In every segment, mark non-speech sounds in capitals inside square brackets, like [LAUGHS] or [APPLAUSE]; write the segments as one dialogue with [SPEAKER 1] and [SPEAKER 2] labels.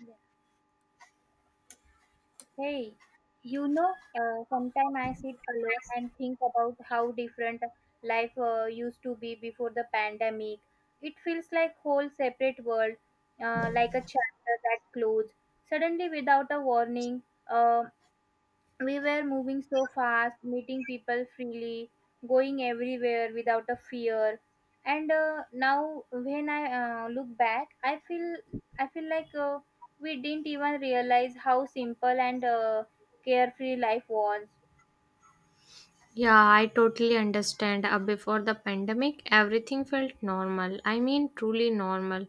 [SPEAKER 1] Yeah. Hey, you know, sometimes I sit alone and think about how different life used to be before the pandemic. It feels like whole separate world, like a chapter that closed suddenly without a warning. Um we were moving so fast, meeting people freely, going everywhere without a fear. And now, when I look back, I feel like we didn't even realize how simple and carefree life was.
[SPEAKER 2] Yeah, I totally understand. Before the pandemic, everything felt normal. I mean, truly normal,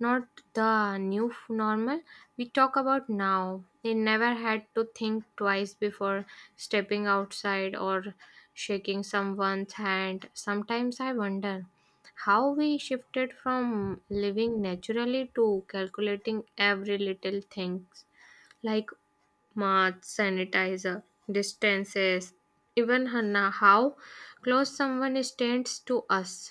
[SPEAKER 2] not the new normal we talk about now. They never had to think twice before stepping outside or shaking someone's hand. Sometimes I wonder how we shifted from living naturally to calculating every little things like masks, sanitizer, distances, even Hannah, how close someone stands to us.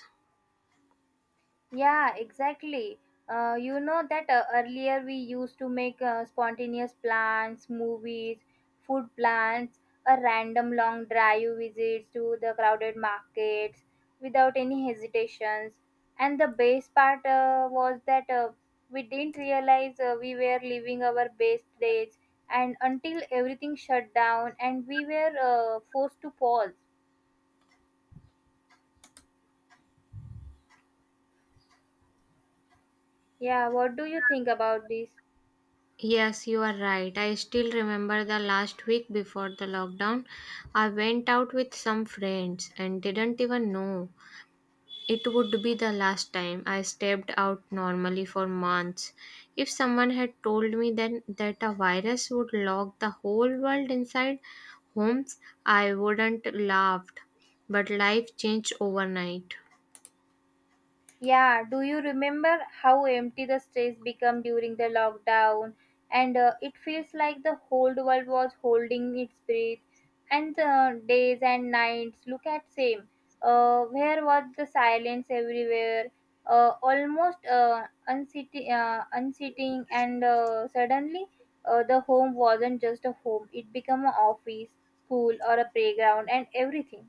[SPEAKER 1] Yeah, exactly. You know that earlier we used to make spontaneous plans, movies, food plans, a random long drive visits to the crowded markets without any hesitations. And the best part was that we didn't realize we were living our best days and until everything shut down and we were forced to pause. Yeah, what do you think about this?
[SPEAKER 2] Yes, you are right. I still remember the last week before the lockdown. I went out with some friends and didn't even know it would be the last time I stepped out normally for months. If someone had told me then that a virus would lock the whole world inside homes, I wouldn't laughed. But life changed overnight.
[SPEAKER 1] Yeah, do you remember how empty the streets become during the lockdown? And it feels like the whole world was holding its breath. And the days and nights, look at same. Where was the silence everywhere? Almost unseating, unseating, and suddenly the home wasn't just a home. It became an office, school, or a playground, and everything.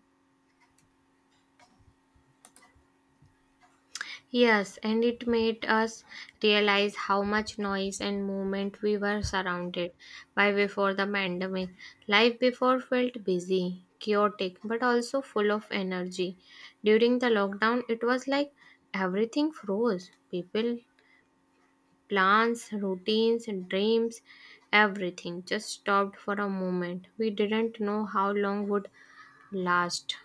[SPEAKER 2] Yes, and it made us realize how much noise and movement we were surrounded by before the pandemic. Life before felt busy, chaotic, but also full of energy. During the lockdown, it was like everything froze. People, plans, routines, dreams, everything just stopped for a moment. We didn't know how long would last.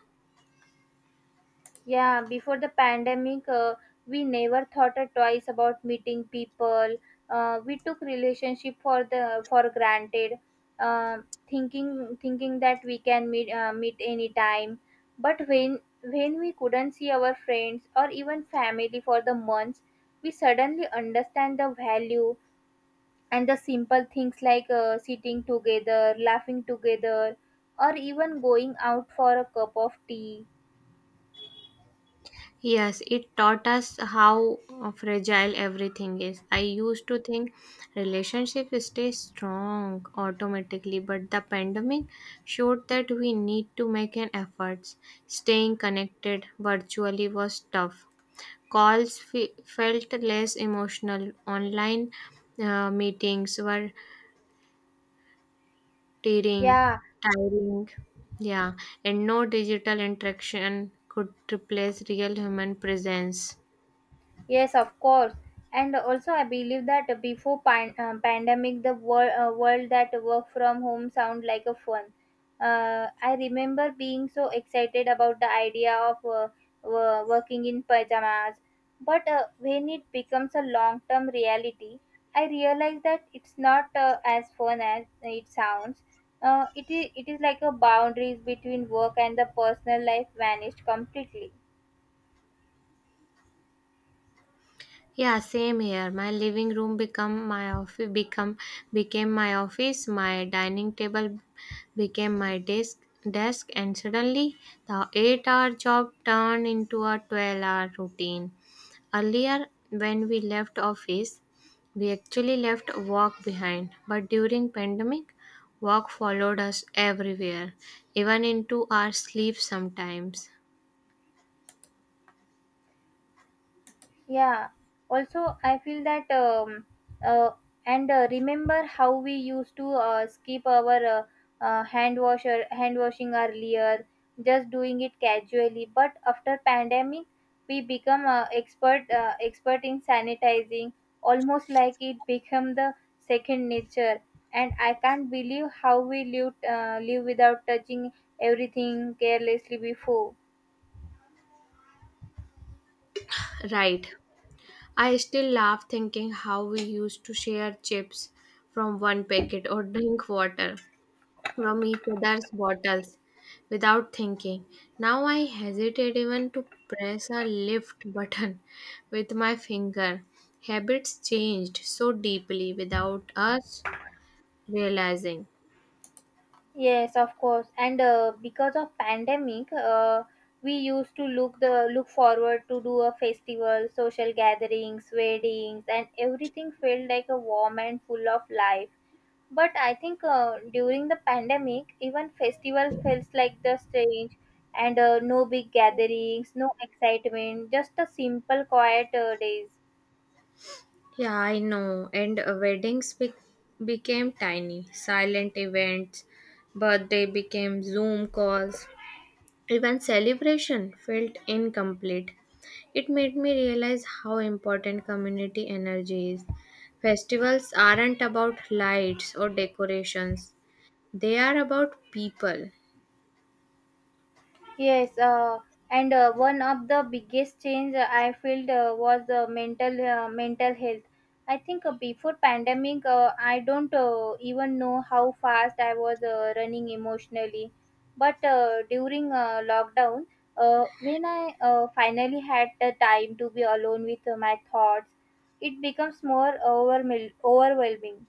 [SPEAKER 1] Yeah, before the pandemic, we never thought or twice about meeting people. We took relationship for the for granted, uh, thinking that we can meet meet anytime. But when we couldn't see our friends or even family for the months, we suddenly understand the value and the simple things like sitting together, laughing together, or even going out for a cup of tea.
[SPEAKER 2] Yes, it taught us how fragile everything is. I used to think relationship stay strong automatically, but the pandemic showed that we need to make an effort. Staying connected virtually was tough. Calls felt less emotional. Online meetings were tiring,
[SPEAKER 1] Yeah,
[SPEAKER 2] tiring. Yeah, and no digital interaction could replace real human presence.
[SPEAKER 1] yes, of course. And also, I believe that before pandemic, the world that work from home sound like a fun. I remember being so excited about the idea of working in pajamas. But when it becomes a long-term reality, I realize that it's not as fun as it sounds. It is like a boundaries between work and the personal life vanished completely.
[SPEAKER 2] Yeah, same here. My living room become my office become became my office, my dining table became my desk and suddenly the 8-hour hour job turned into a 12-hour hour routine. Earlier when we left office, we actually left work behind, but during pandemic, work followed us everywhere, even into our sleep sometimes.
[SPEAKER 1] Yeah. Also, I feel that uh, and remember how we used to skip our hand washing earlier, just doing it casually. But after pandemic, we become expert in sanitizing, almost like it become the second nature. And I can't believe how we live without touching everything carelessly before.
[SPEAKER 2] Right. I still laugh thinking how we used to share chips from one packet or drink water from each other's bottles without thinking. Now I hesitate even to press a lift button [LAUGHS] with my finger. Habits changed so deeply without us realizing.
[SPEAKER 1] Yes, of course. And because of pandemic, we used to look the look forward to do a festival, social gatherings, weddings, and everything felt like a warm and full of life. But I think during the pandemic, even festival feels like the strange and no big gatherings, no excitement, just a simple quiet days.
[SPEAKER 2] Yeah, I know. And weddings became tiny, silent events. Birthday became Zoom calls. Even celebration felt incomplete. It made me realize how important community energy is. Festivals aren't about lights or decorations, they are about people.
[SPEAKER 1] Yes, and one of the biggest change I felt was mental mental health. I think before pandemic, I don't even know how fast I was running emotionally. But during lockdown, when I finally had the time to be alone with my thoughts, it becomes more overwhelming.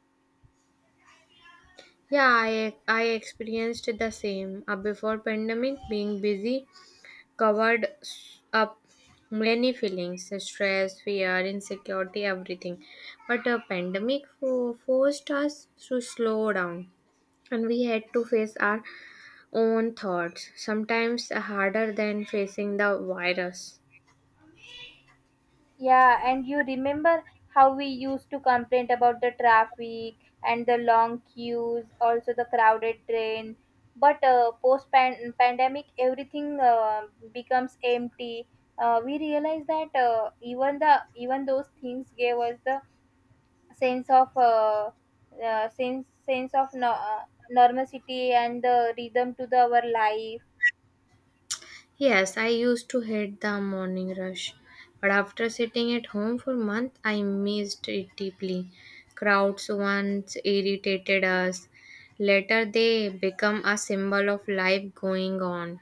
[SPEAKER 2] Yeah, I experienced the same. Before pandemic, being busy covered up many feelings, stress, fear, insecurity, everything. But a pandemic forced us to slow down and we had to face our own thoughts, sometimes harder than facing the virus.
[SPEAKER 1] Yeah, and you remember how we used to complain about the traffic and the long queues, also the crowded train. But post pandemic, everything becomes empty. We realize that even the even those things gave us the sense of sense of no, normalcy and the rhythm to the, our life.
[SPEAKER 2] Yes, I used to hate the morning rush, but after sitting at home for months, I missed it deeply. Crowds once irritated us, later they become a symbol of life going on.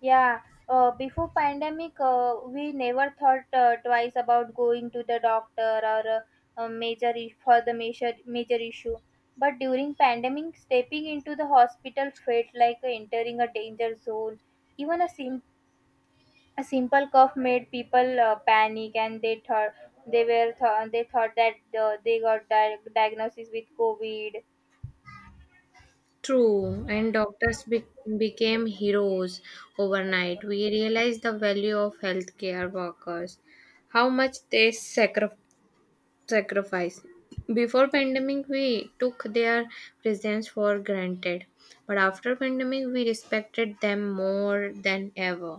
[SPEAKER 1] Yeah, before pandemic, we never thought twice about going to the doctor or a major for the major issue. But during pandemic, stepping into the hospital felt like entering a danger zone. Even a simple cough made people panic, and they thought they were they thought that they got diagnosis with COVID.
[SPEAKER 2] True, and doctors became heroes overnight. We realized the value of healthcare workers, how much they sacrifice. Before pandemic, we took their presence for granted, but after pandemic, we respected them more than ever.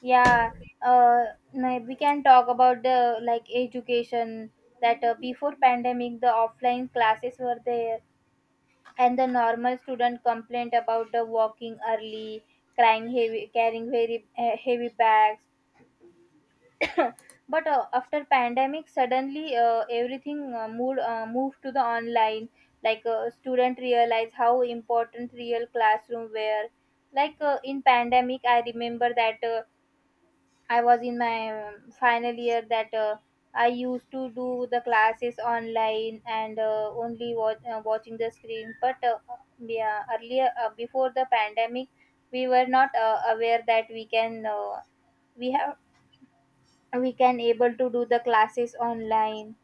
[SPEAKER 1] Yeah, uh, we can talk about the like education that before pandemic the offline classes were there and the normal student complained about the walking early, crying heavy, carrying very heavy bags. But after pandemic, suddenly everything moved to the online. Like student realize how important real classroom were. Like in pandemic, I remember that. I was in my final year that I used to do the classes online and watching the screen. But yeah, earlier before the pandemic, we were not aware that we have we can able to do the classes online.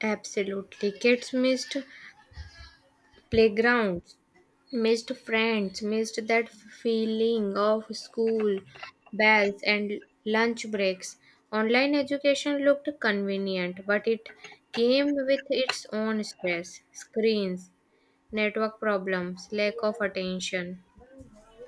[SPEAKER 2] Absolutely, kids missed playgrounds, missed friends, missed that feeling of school bells and lunch breaks. Online education looked convenient, but it came with its own stress, screens, network problems, lack of attention.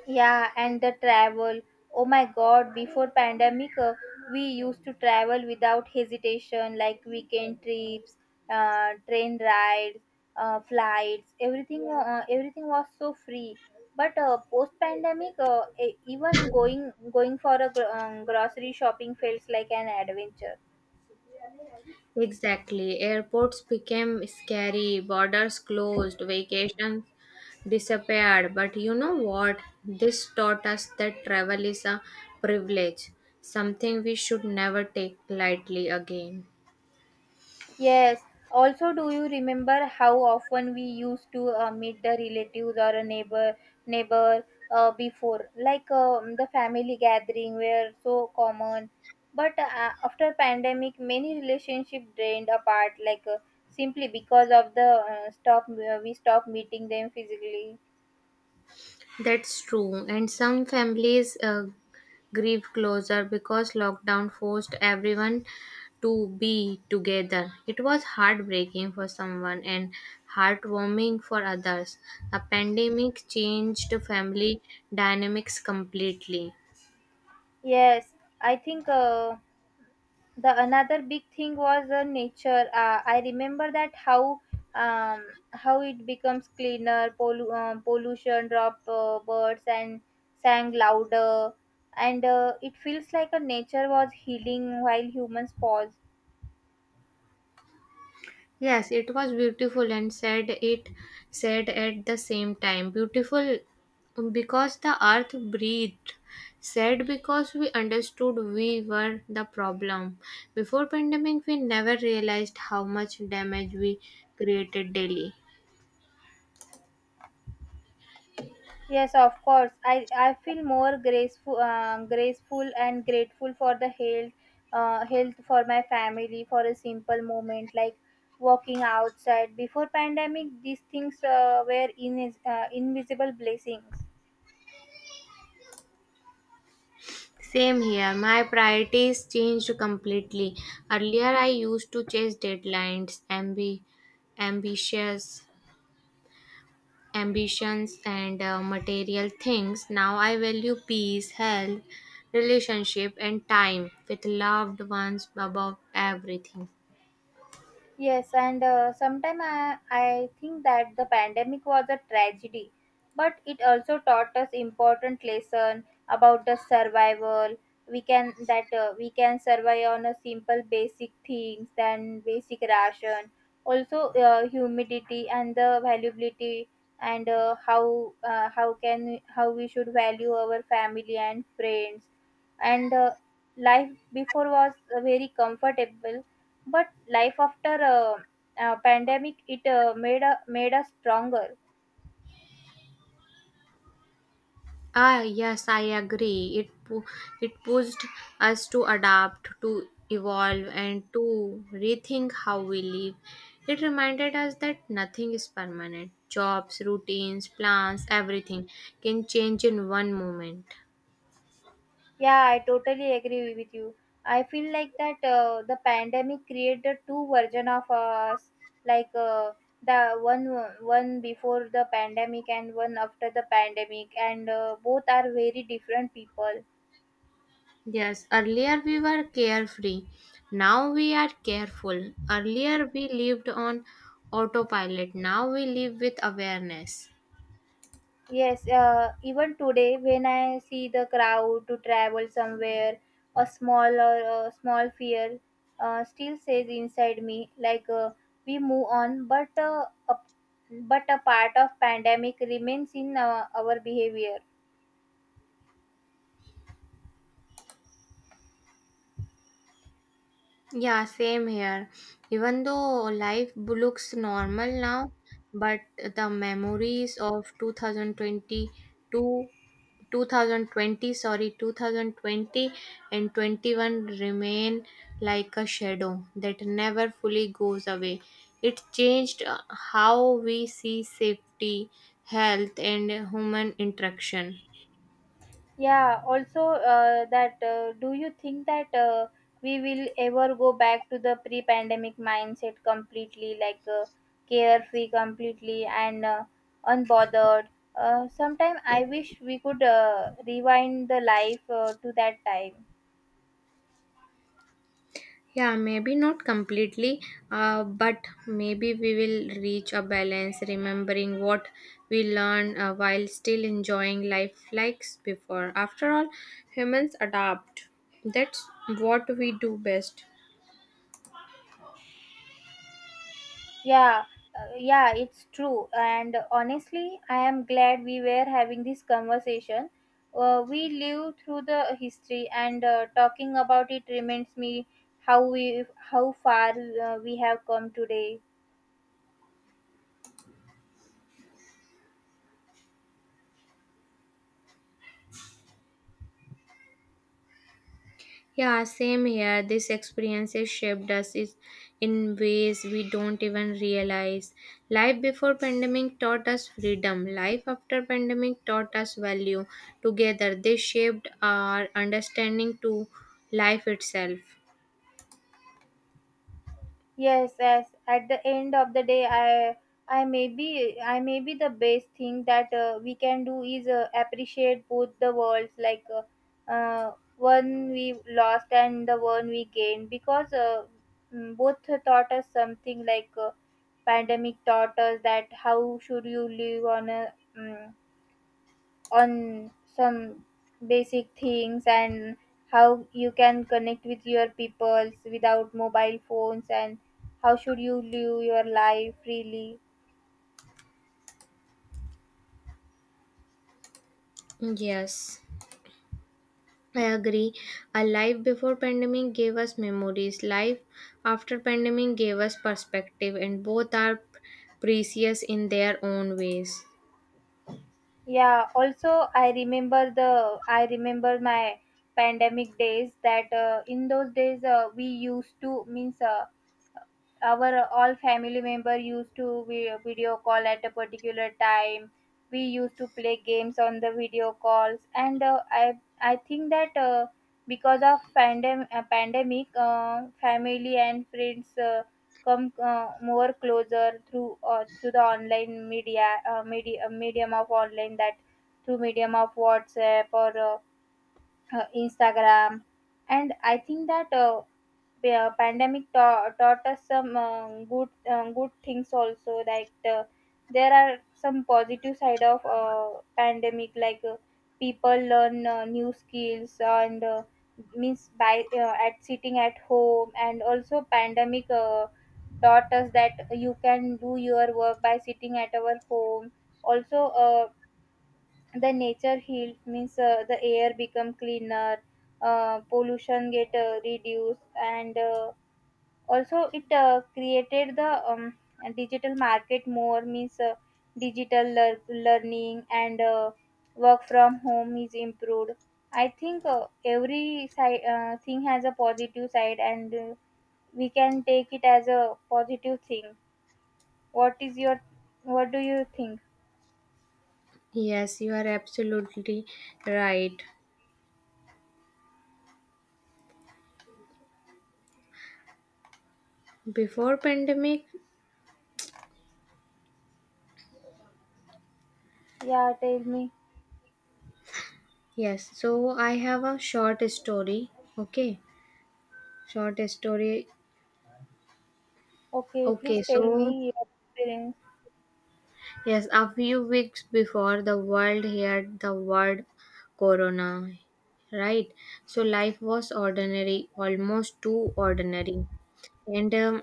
[SPEAKER 1] Yeah, and the travel. Oh my god, before pandemic, we used to travel without hesitation, like weekend trips, train rides, flights. Everything, everything was so free. But post pandemic, even going for a grocery shopping feels like an adventure.
[SPEAKER 2] Exactly. Airports became scary, borders closed, vacations disappeared. But you know what? This taught us that travel is a privilege, something we should never take lightly again.
[SPEAKER 1] Yes. Also, do you remember how often we used to meet the relatives or a neighbor neighbor before, like the family gathering were so common. But after pandemic, many relationship drained apart, like simply because of the stop we stop meeting them physically.
[SPEAKER 2] That's true, and some families grieve closer because lockdown forced everyone to be together. It was heartbreaking for someone and heartwarming for others. The pandemic changed family dynamics completely.
[SPEAKER 1] Yes, I think. The another big thing was the nature. I remember that um, how it becomes cleaner, pollution drop, birds and sang louder, and it feels like a nature was healing while humans pause.
[SPEAKER 2] Yes, it was beautiful and sad. It said at the same time. Beautiful because the earth breathed. Sad because we understood we were the problem. Before pandemic, we never realized how much damage we created daily.
[SPEAKER 1] Yes, of course. I feel more graceful, graceful and grateful for the health, health for my family for a simple moment like walking outside. Before pandemic, these things invisible blessings.
[SPEAKER 2] Same here. My priorities changed completely. Earlier, I used to chase deadlines, ambi- ambitious ambitions and material things. Now I value peace, health, relationship, and time with loved ones above everything.
[SPEAKER 1] Yes, and sometimes I think that the pandemic was a tragedy, but it also taught us important lesson about the survival. We can that we can survive on a simple basic things than basic ration. Also, humidity and the valuability and how we should value our family and friends and life before was very comfortable, but life after pandemic it made us stronger.
[SPEAKER 2] Ah, yes, I agree. It pushed us to adapt, to evolve, and to rethink how we live. It reminded us that nothing is permanent. Jobs, routines, plans, everything can change in one moment.
[SPEAKER 1] Yeah, I totally agree with you. I feel like that the pandemic created two version of us, like the one before the pandemic and one after the pandemic, and both are very different people.
[SPEAKER 2] Yes, earlier we were carefree. Now we are careful. Earlier we lived on autopilot. Now we live with awareness.
[SPEAKER 1] Yes, even today, when I see the crowd to travel somewhere, a small fear still says inside me, like we move on, but but a part of pandemic remains in our behavior.
[SPEAKER 2] Yeah, same here. Even though life looks normal now, but the memories of 2022, 2020, sorry, 2020 and 21 remain like a shadow that never fully goes away. It changed how we see safety, health, and human interaction.
[SPEAKER 1] Yeah, also that do you think that we will ever go back to the pre-pandemic mindset completely, like carefree completely and unbothered? Sometime I wish we could rewind the life to that time.
[SPEAKER 2] Yeah, maybe not completely, but maybe we will reach a balance, remembering what we learned while still enjoying life like before. After all, humans adapt. That's what we do best.
[SPEAKER 1] Yeah, yeah, it's true. And honestly, I am glad we were having this conversation. We live through the history, and talking about it reminds me how we how far we have come today.
[SPEAKER 2] Yeah, same here. This experiences shaped us in ways we don't even realize. Life before pandemic taught us freedom. Life after pandemic taught us value. Together, they shaped our understanding to life itself.
[SPEAKER 1] Yes, yes. At the end of the day, I may be the best thing that we can do is appreciate both the worlds, like one we lost and the one we gained, because both taught us something. Like pandemic taught us that how should you live on a on some basic things, and how you can connect with your peoples without mobile phones, and how should you live your life freely.
[SPEAKER 2] Yes, I agree. A life before pandemic gave us memories. Life after pandemic gave us perspective, and both are precious in their own ways.
[SPEAKER 1] Yeah Also I remember the I remember my pandemic days that in those days we used to means our all family member used to video call at a particular time. We used to play games on the video calls, and I think that because of pandemic family and friends come more closer through through the online media medium of online, that through medium of WhatsApp or Instagram, and I think that pandemic taught us some good things also. Like the, there are some positive side of pandemic, like people learn new skills and means by at sitting at home, and also pandemic taught us that you can do your work by sitting at our home. Also, the nature healed, means the air become cleaner, pollution get reduced, and also it created the digital market more, means digital learning and work from home is improved. I think every side thing has a positive side, and we can take it as a positive thing. What is your, what do you think?
[SPEAKER 2] Yes, you are absolutely right. Before pandemic,
[SPEAKER 1] Yeah Tell me.
[SPEAKER 2] yes. So I have a short story. Okay, short story.
[SPEAKER 1] Okay,
[SPEAKER 2] Okay,
[SPEAKER 1] please tell
[SPEAKER 2] so
[SPEAKER 1] me your experience.
[SPEAKER 2] yes, a few weeks before the world heard the word corona, right? So life was ordinary, almost too ordinary, and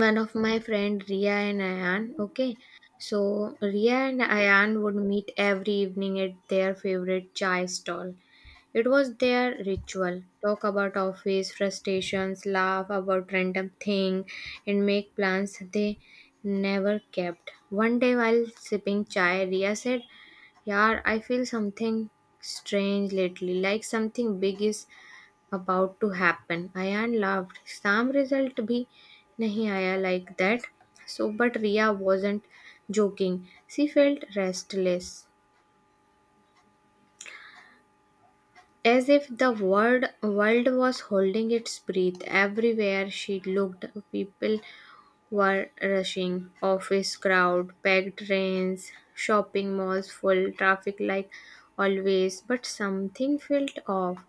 [SPEAKER 2] one of my friend Ria and Ayan. Okay, so Ria and Ayan would meet every evening at their favorite chai stall. It was their ritual. Talk about office frustrations, laugh about random thing, and make plans they never kept. One day while sipping chai, Ria said, "Yaar, I feel something strange lately. Like something big is about to happen." Ayan laughed. "Some result bhi nahi aaya," like that. So, but Ria wasn't joking. She felt restless, as if the world was holding its breath. Everywhere she looked, people were rushing. Office crowd, packed trains, shopping malls full, traffic like always. But something felt off.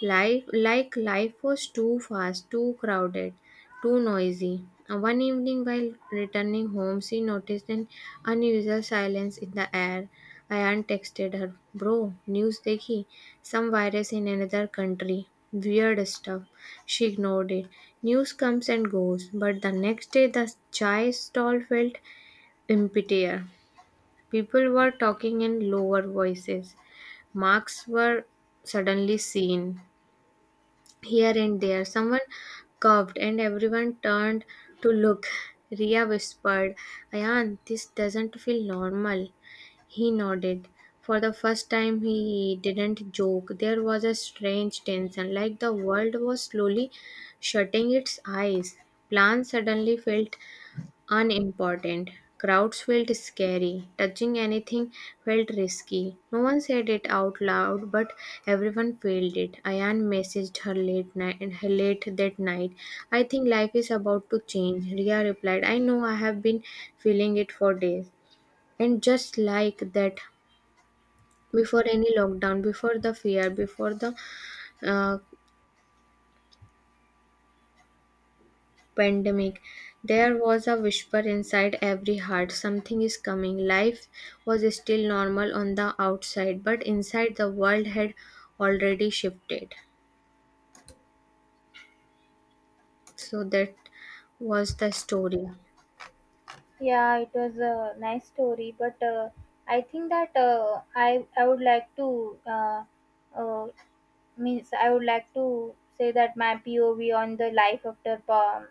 [SPEAKER 2] Life, like life was too fast, too crowded, too noisy. One evening, while returning home, she noticed an unusual silence in the air. Ayan texted her, "Bro, news dekhi. Some virus in another country. Weird stuff." She ignored it. News comes and goes, but the next day the chai stall felt emptier. People were talking in lower voices. Marks were suddenly seen. Here and there, someone coughed and everyone turned to look. Ria whispered, "Ayan, this doesn't feel normal." He nodded. For the first time, he didn't joke. There was a strange tension, like the world was slowly shutting its eyes. Plants suddenly felt unimportant. Crowds felt scary. Touching anything felt risky. No one said it out loud, but everyone felt it. Ayan messaged her late that night, "I think life is about to change." Ria replied, "I know I have been feeling it for days." And just like that, before any lockdown, before the fear, before the uh, pandemic, there was a whisper inside every heart: something is coming. Life was still normal on the outside, but inside the world had already shifted. So that was the story.
[SPEAKER 1] Yeah, it was a nice story, but I think that I would like to, uh, means, I would like to say that my POV on the life after pa-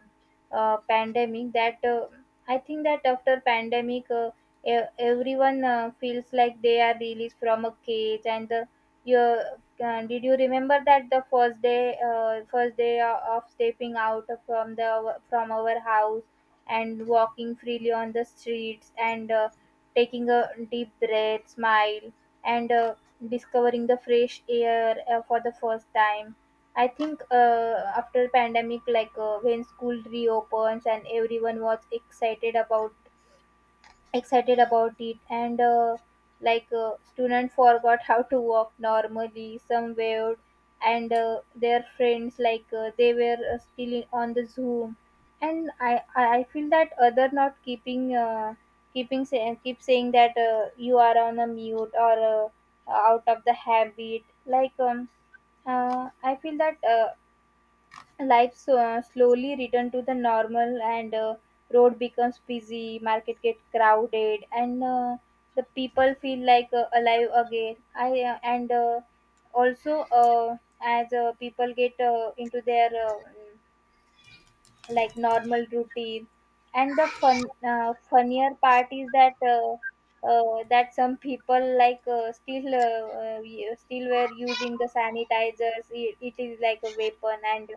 [SPEAKER 1] uh, pandemic. That I think that after pandemic, everyone feels like they are released from a cage. And the you did you remember that the first day of stepping out from the from our house, and walking freely on the streets, and taking a deep breath, smile, and discovering the fresh air for the first time? I think after pandemic, like when school reopens and everyone was excited about it. And student forgot how to walk normally, some waved, and their friends, like they were, still on the zoom. And I feel that other not keep saying that you are on a mute or out of the habit, like uh, I feel that life slowly return to the normal, and road becomes busy, market get crowded, and the people feel like alive again. I And also, as people get into their like normal routine. And the funnier part is that some people, like still were using the sanitizers. It is like a weapon, and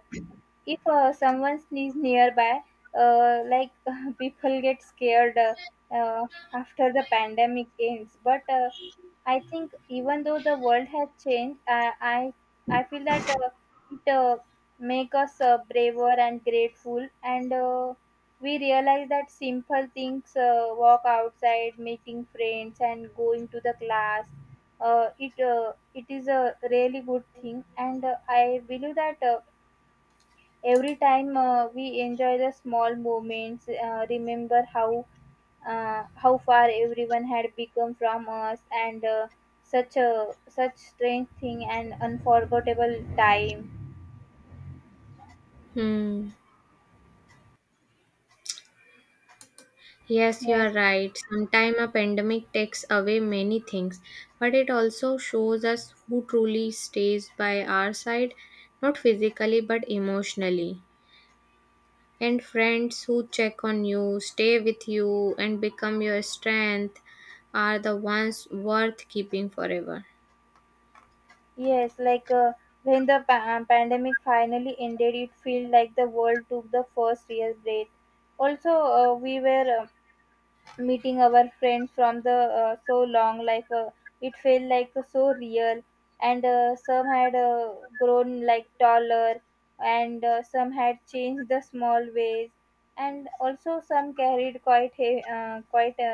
[SPEAKER 1] if someone sneezes nearby, uh, like [LAUGHS] people get scared uh, after the pandemic ends. But I think, even though the world has changed, I feel that it make us braver and grateful, and we realize that simple things, walk outside, meeting friends, and going to the class. It is a really good thing, and I believe that. Every time we enjoy the small moments, remember how far everyone had become from us, and such a such strange thing and unforgettable time.
[SPEAKER 2] Hmm. Yes, you are
[SPEAKER 1] Yes,
[SPEAKER 2] right. Sometimes a pandemic takes away many things, but it also shows us who truly stays by our side, not physically but emotionally, and friends who check on you, stay with you, and become your strength are the ones worth keeping forever.
[SPEAKER 1] yes, like when the pandemic finally ended, it felt like the world took the first real breath. Also we were, meeting our friends from the so long, like it felt like so real. And some had grown like taller, and some had changed the small ways, and also some carried quite a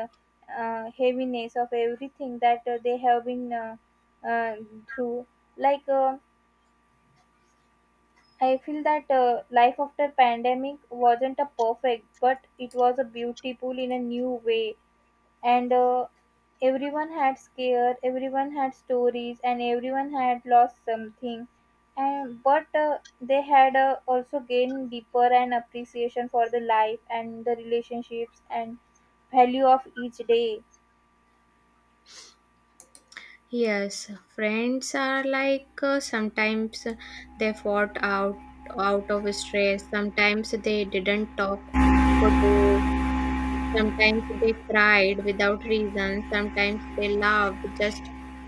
[SPEAKER 1] heaviness of everything that they have been uh, through, like I feel that life after pandemic wasn't a perfect, but it was a beautiful in a new way. And everyone had scare, everyone had stories, and everyone had lost something, and but they had also gained deeper an appreciation for the life and the relationships and value of each day.
[SPEAKER 2] Yes, friends are like sometimes they fought out of stress, sometimes they didn't talk for days, sometimes they cried without reason, sometimes they laughed just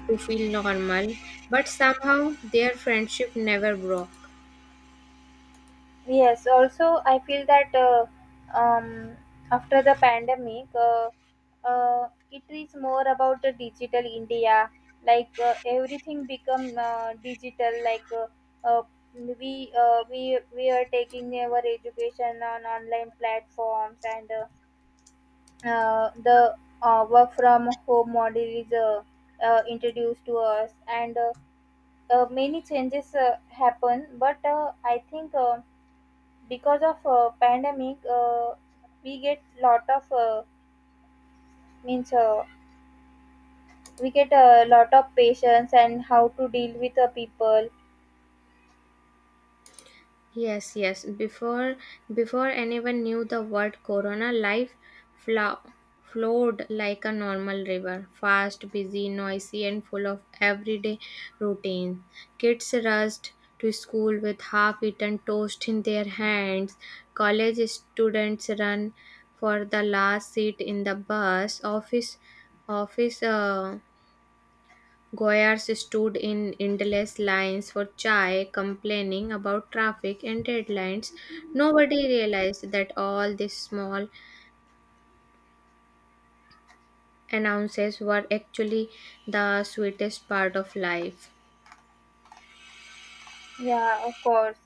[SPEAKER 2] to feel normal, but somehow their friendship never broke.
[SPEAKER 1] Yes, also I feel that um, after the pandemic, it is more about the digital India. Like everything become digital. Like uh, we are taking our education on online platforms, and the work from home model is introduced to us, and many changes happen. But I think. Because of pandemic, we get lot of, means, we get a lot of patience and how to deal with the people.
[SPEAKER 2] Yes, yes. Before anyone knew the word corona, life flow, flowed like a normal river, fast, busy, noisy, and full of everyday routine. Kids rushed to school with half-eaten toast in their hands. College students run for the last seat in the bus. Office office Goyars stood in endless lines for chai, complaining about traffic and deadlines. Nobody realized that all these small annoyances were actually the sweetest part of life.
[SPEAKER 1] Yeah, of course,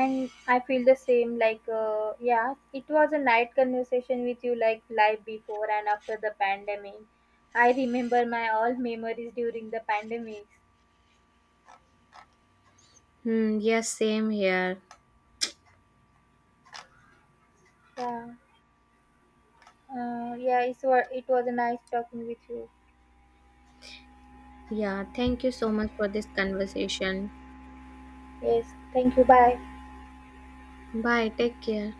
[SPEAKER 1] and I feel the same, like yeah, it was a night conversation with you, like life before and after the pandemic. I remember my all memories during the pandemics.
[SPEAKER 2] Hmm, yes, same here.
[SPEAKER 1] Yeah. Yeah, it was a nice talking with you.
[SPEAKER 2] Yeah, thank you so much for this conversation.
[SPEAKER 1] Yes, thank you, bye.
[SPEAKER 2] Bye, take care.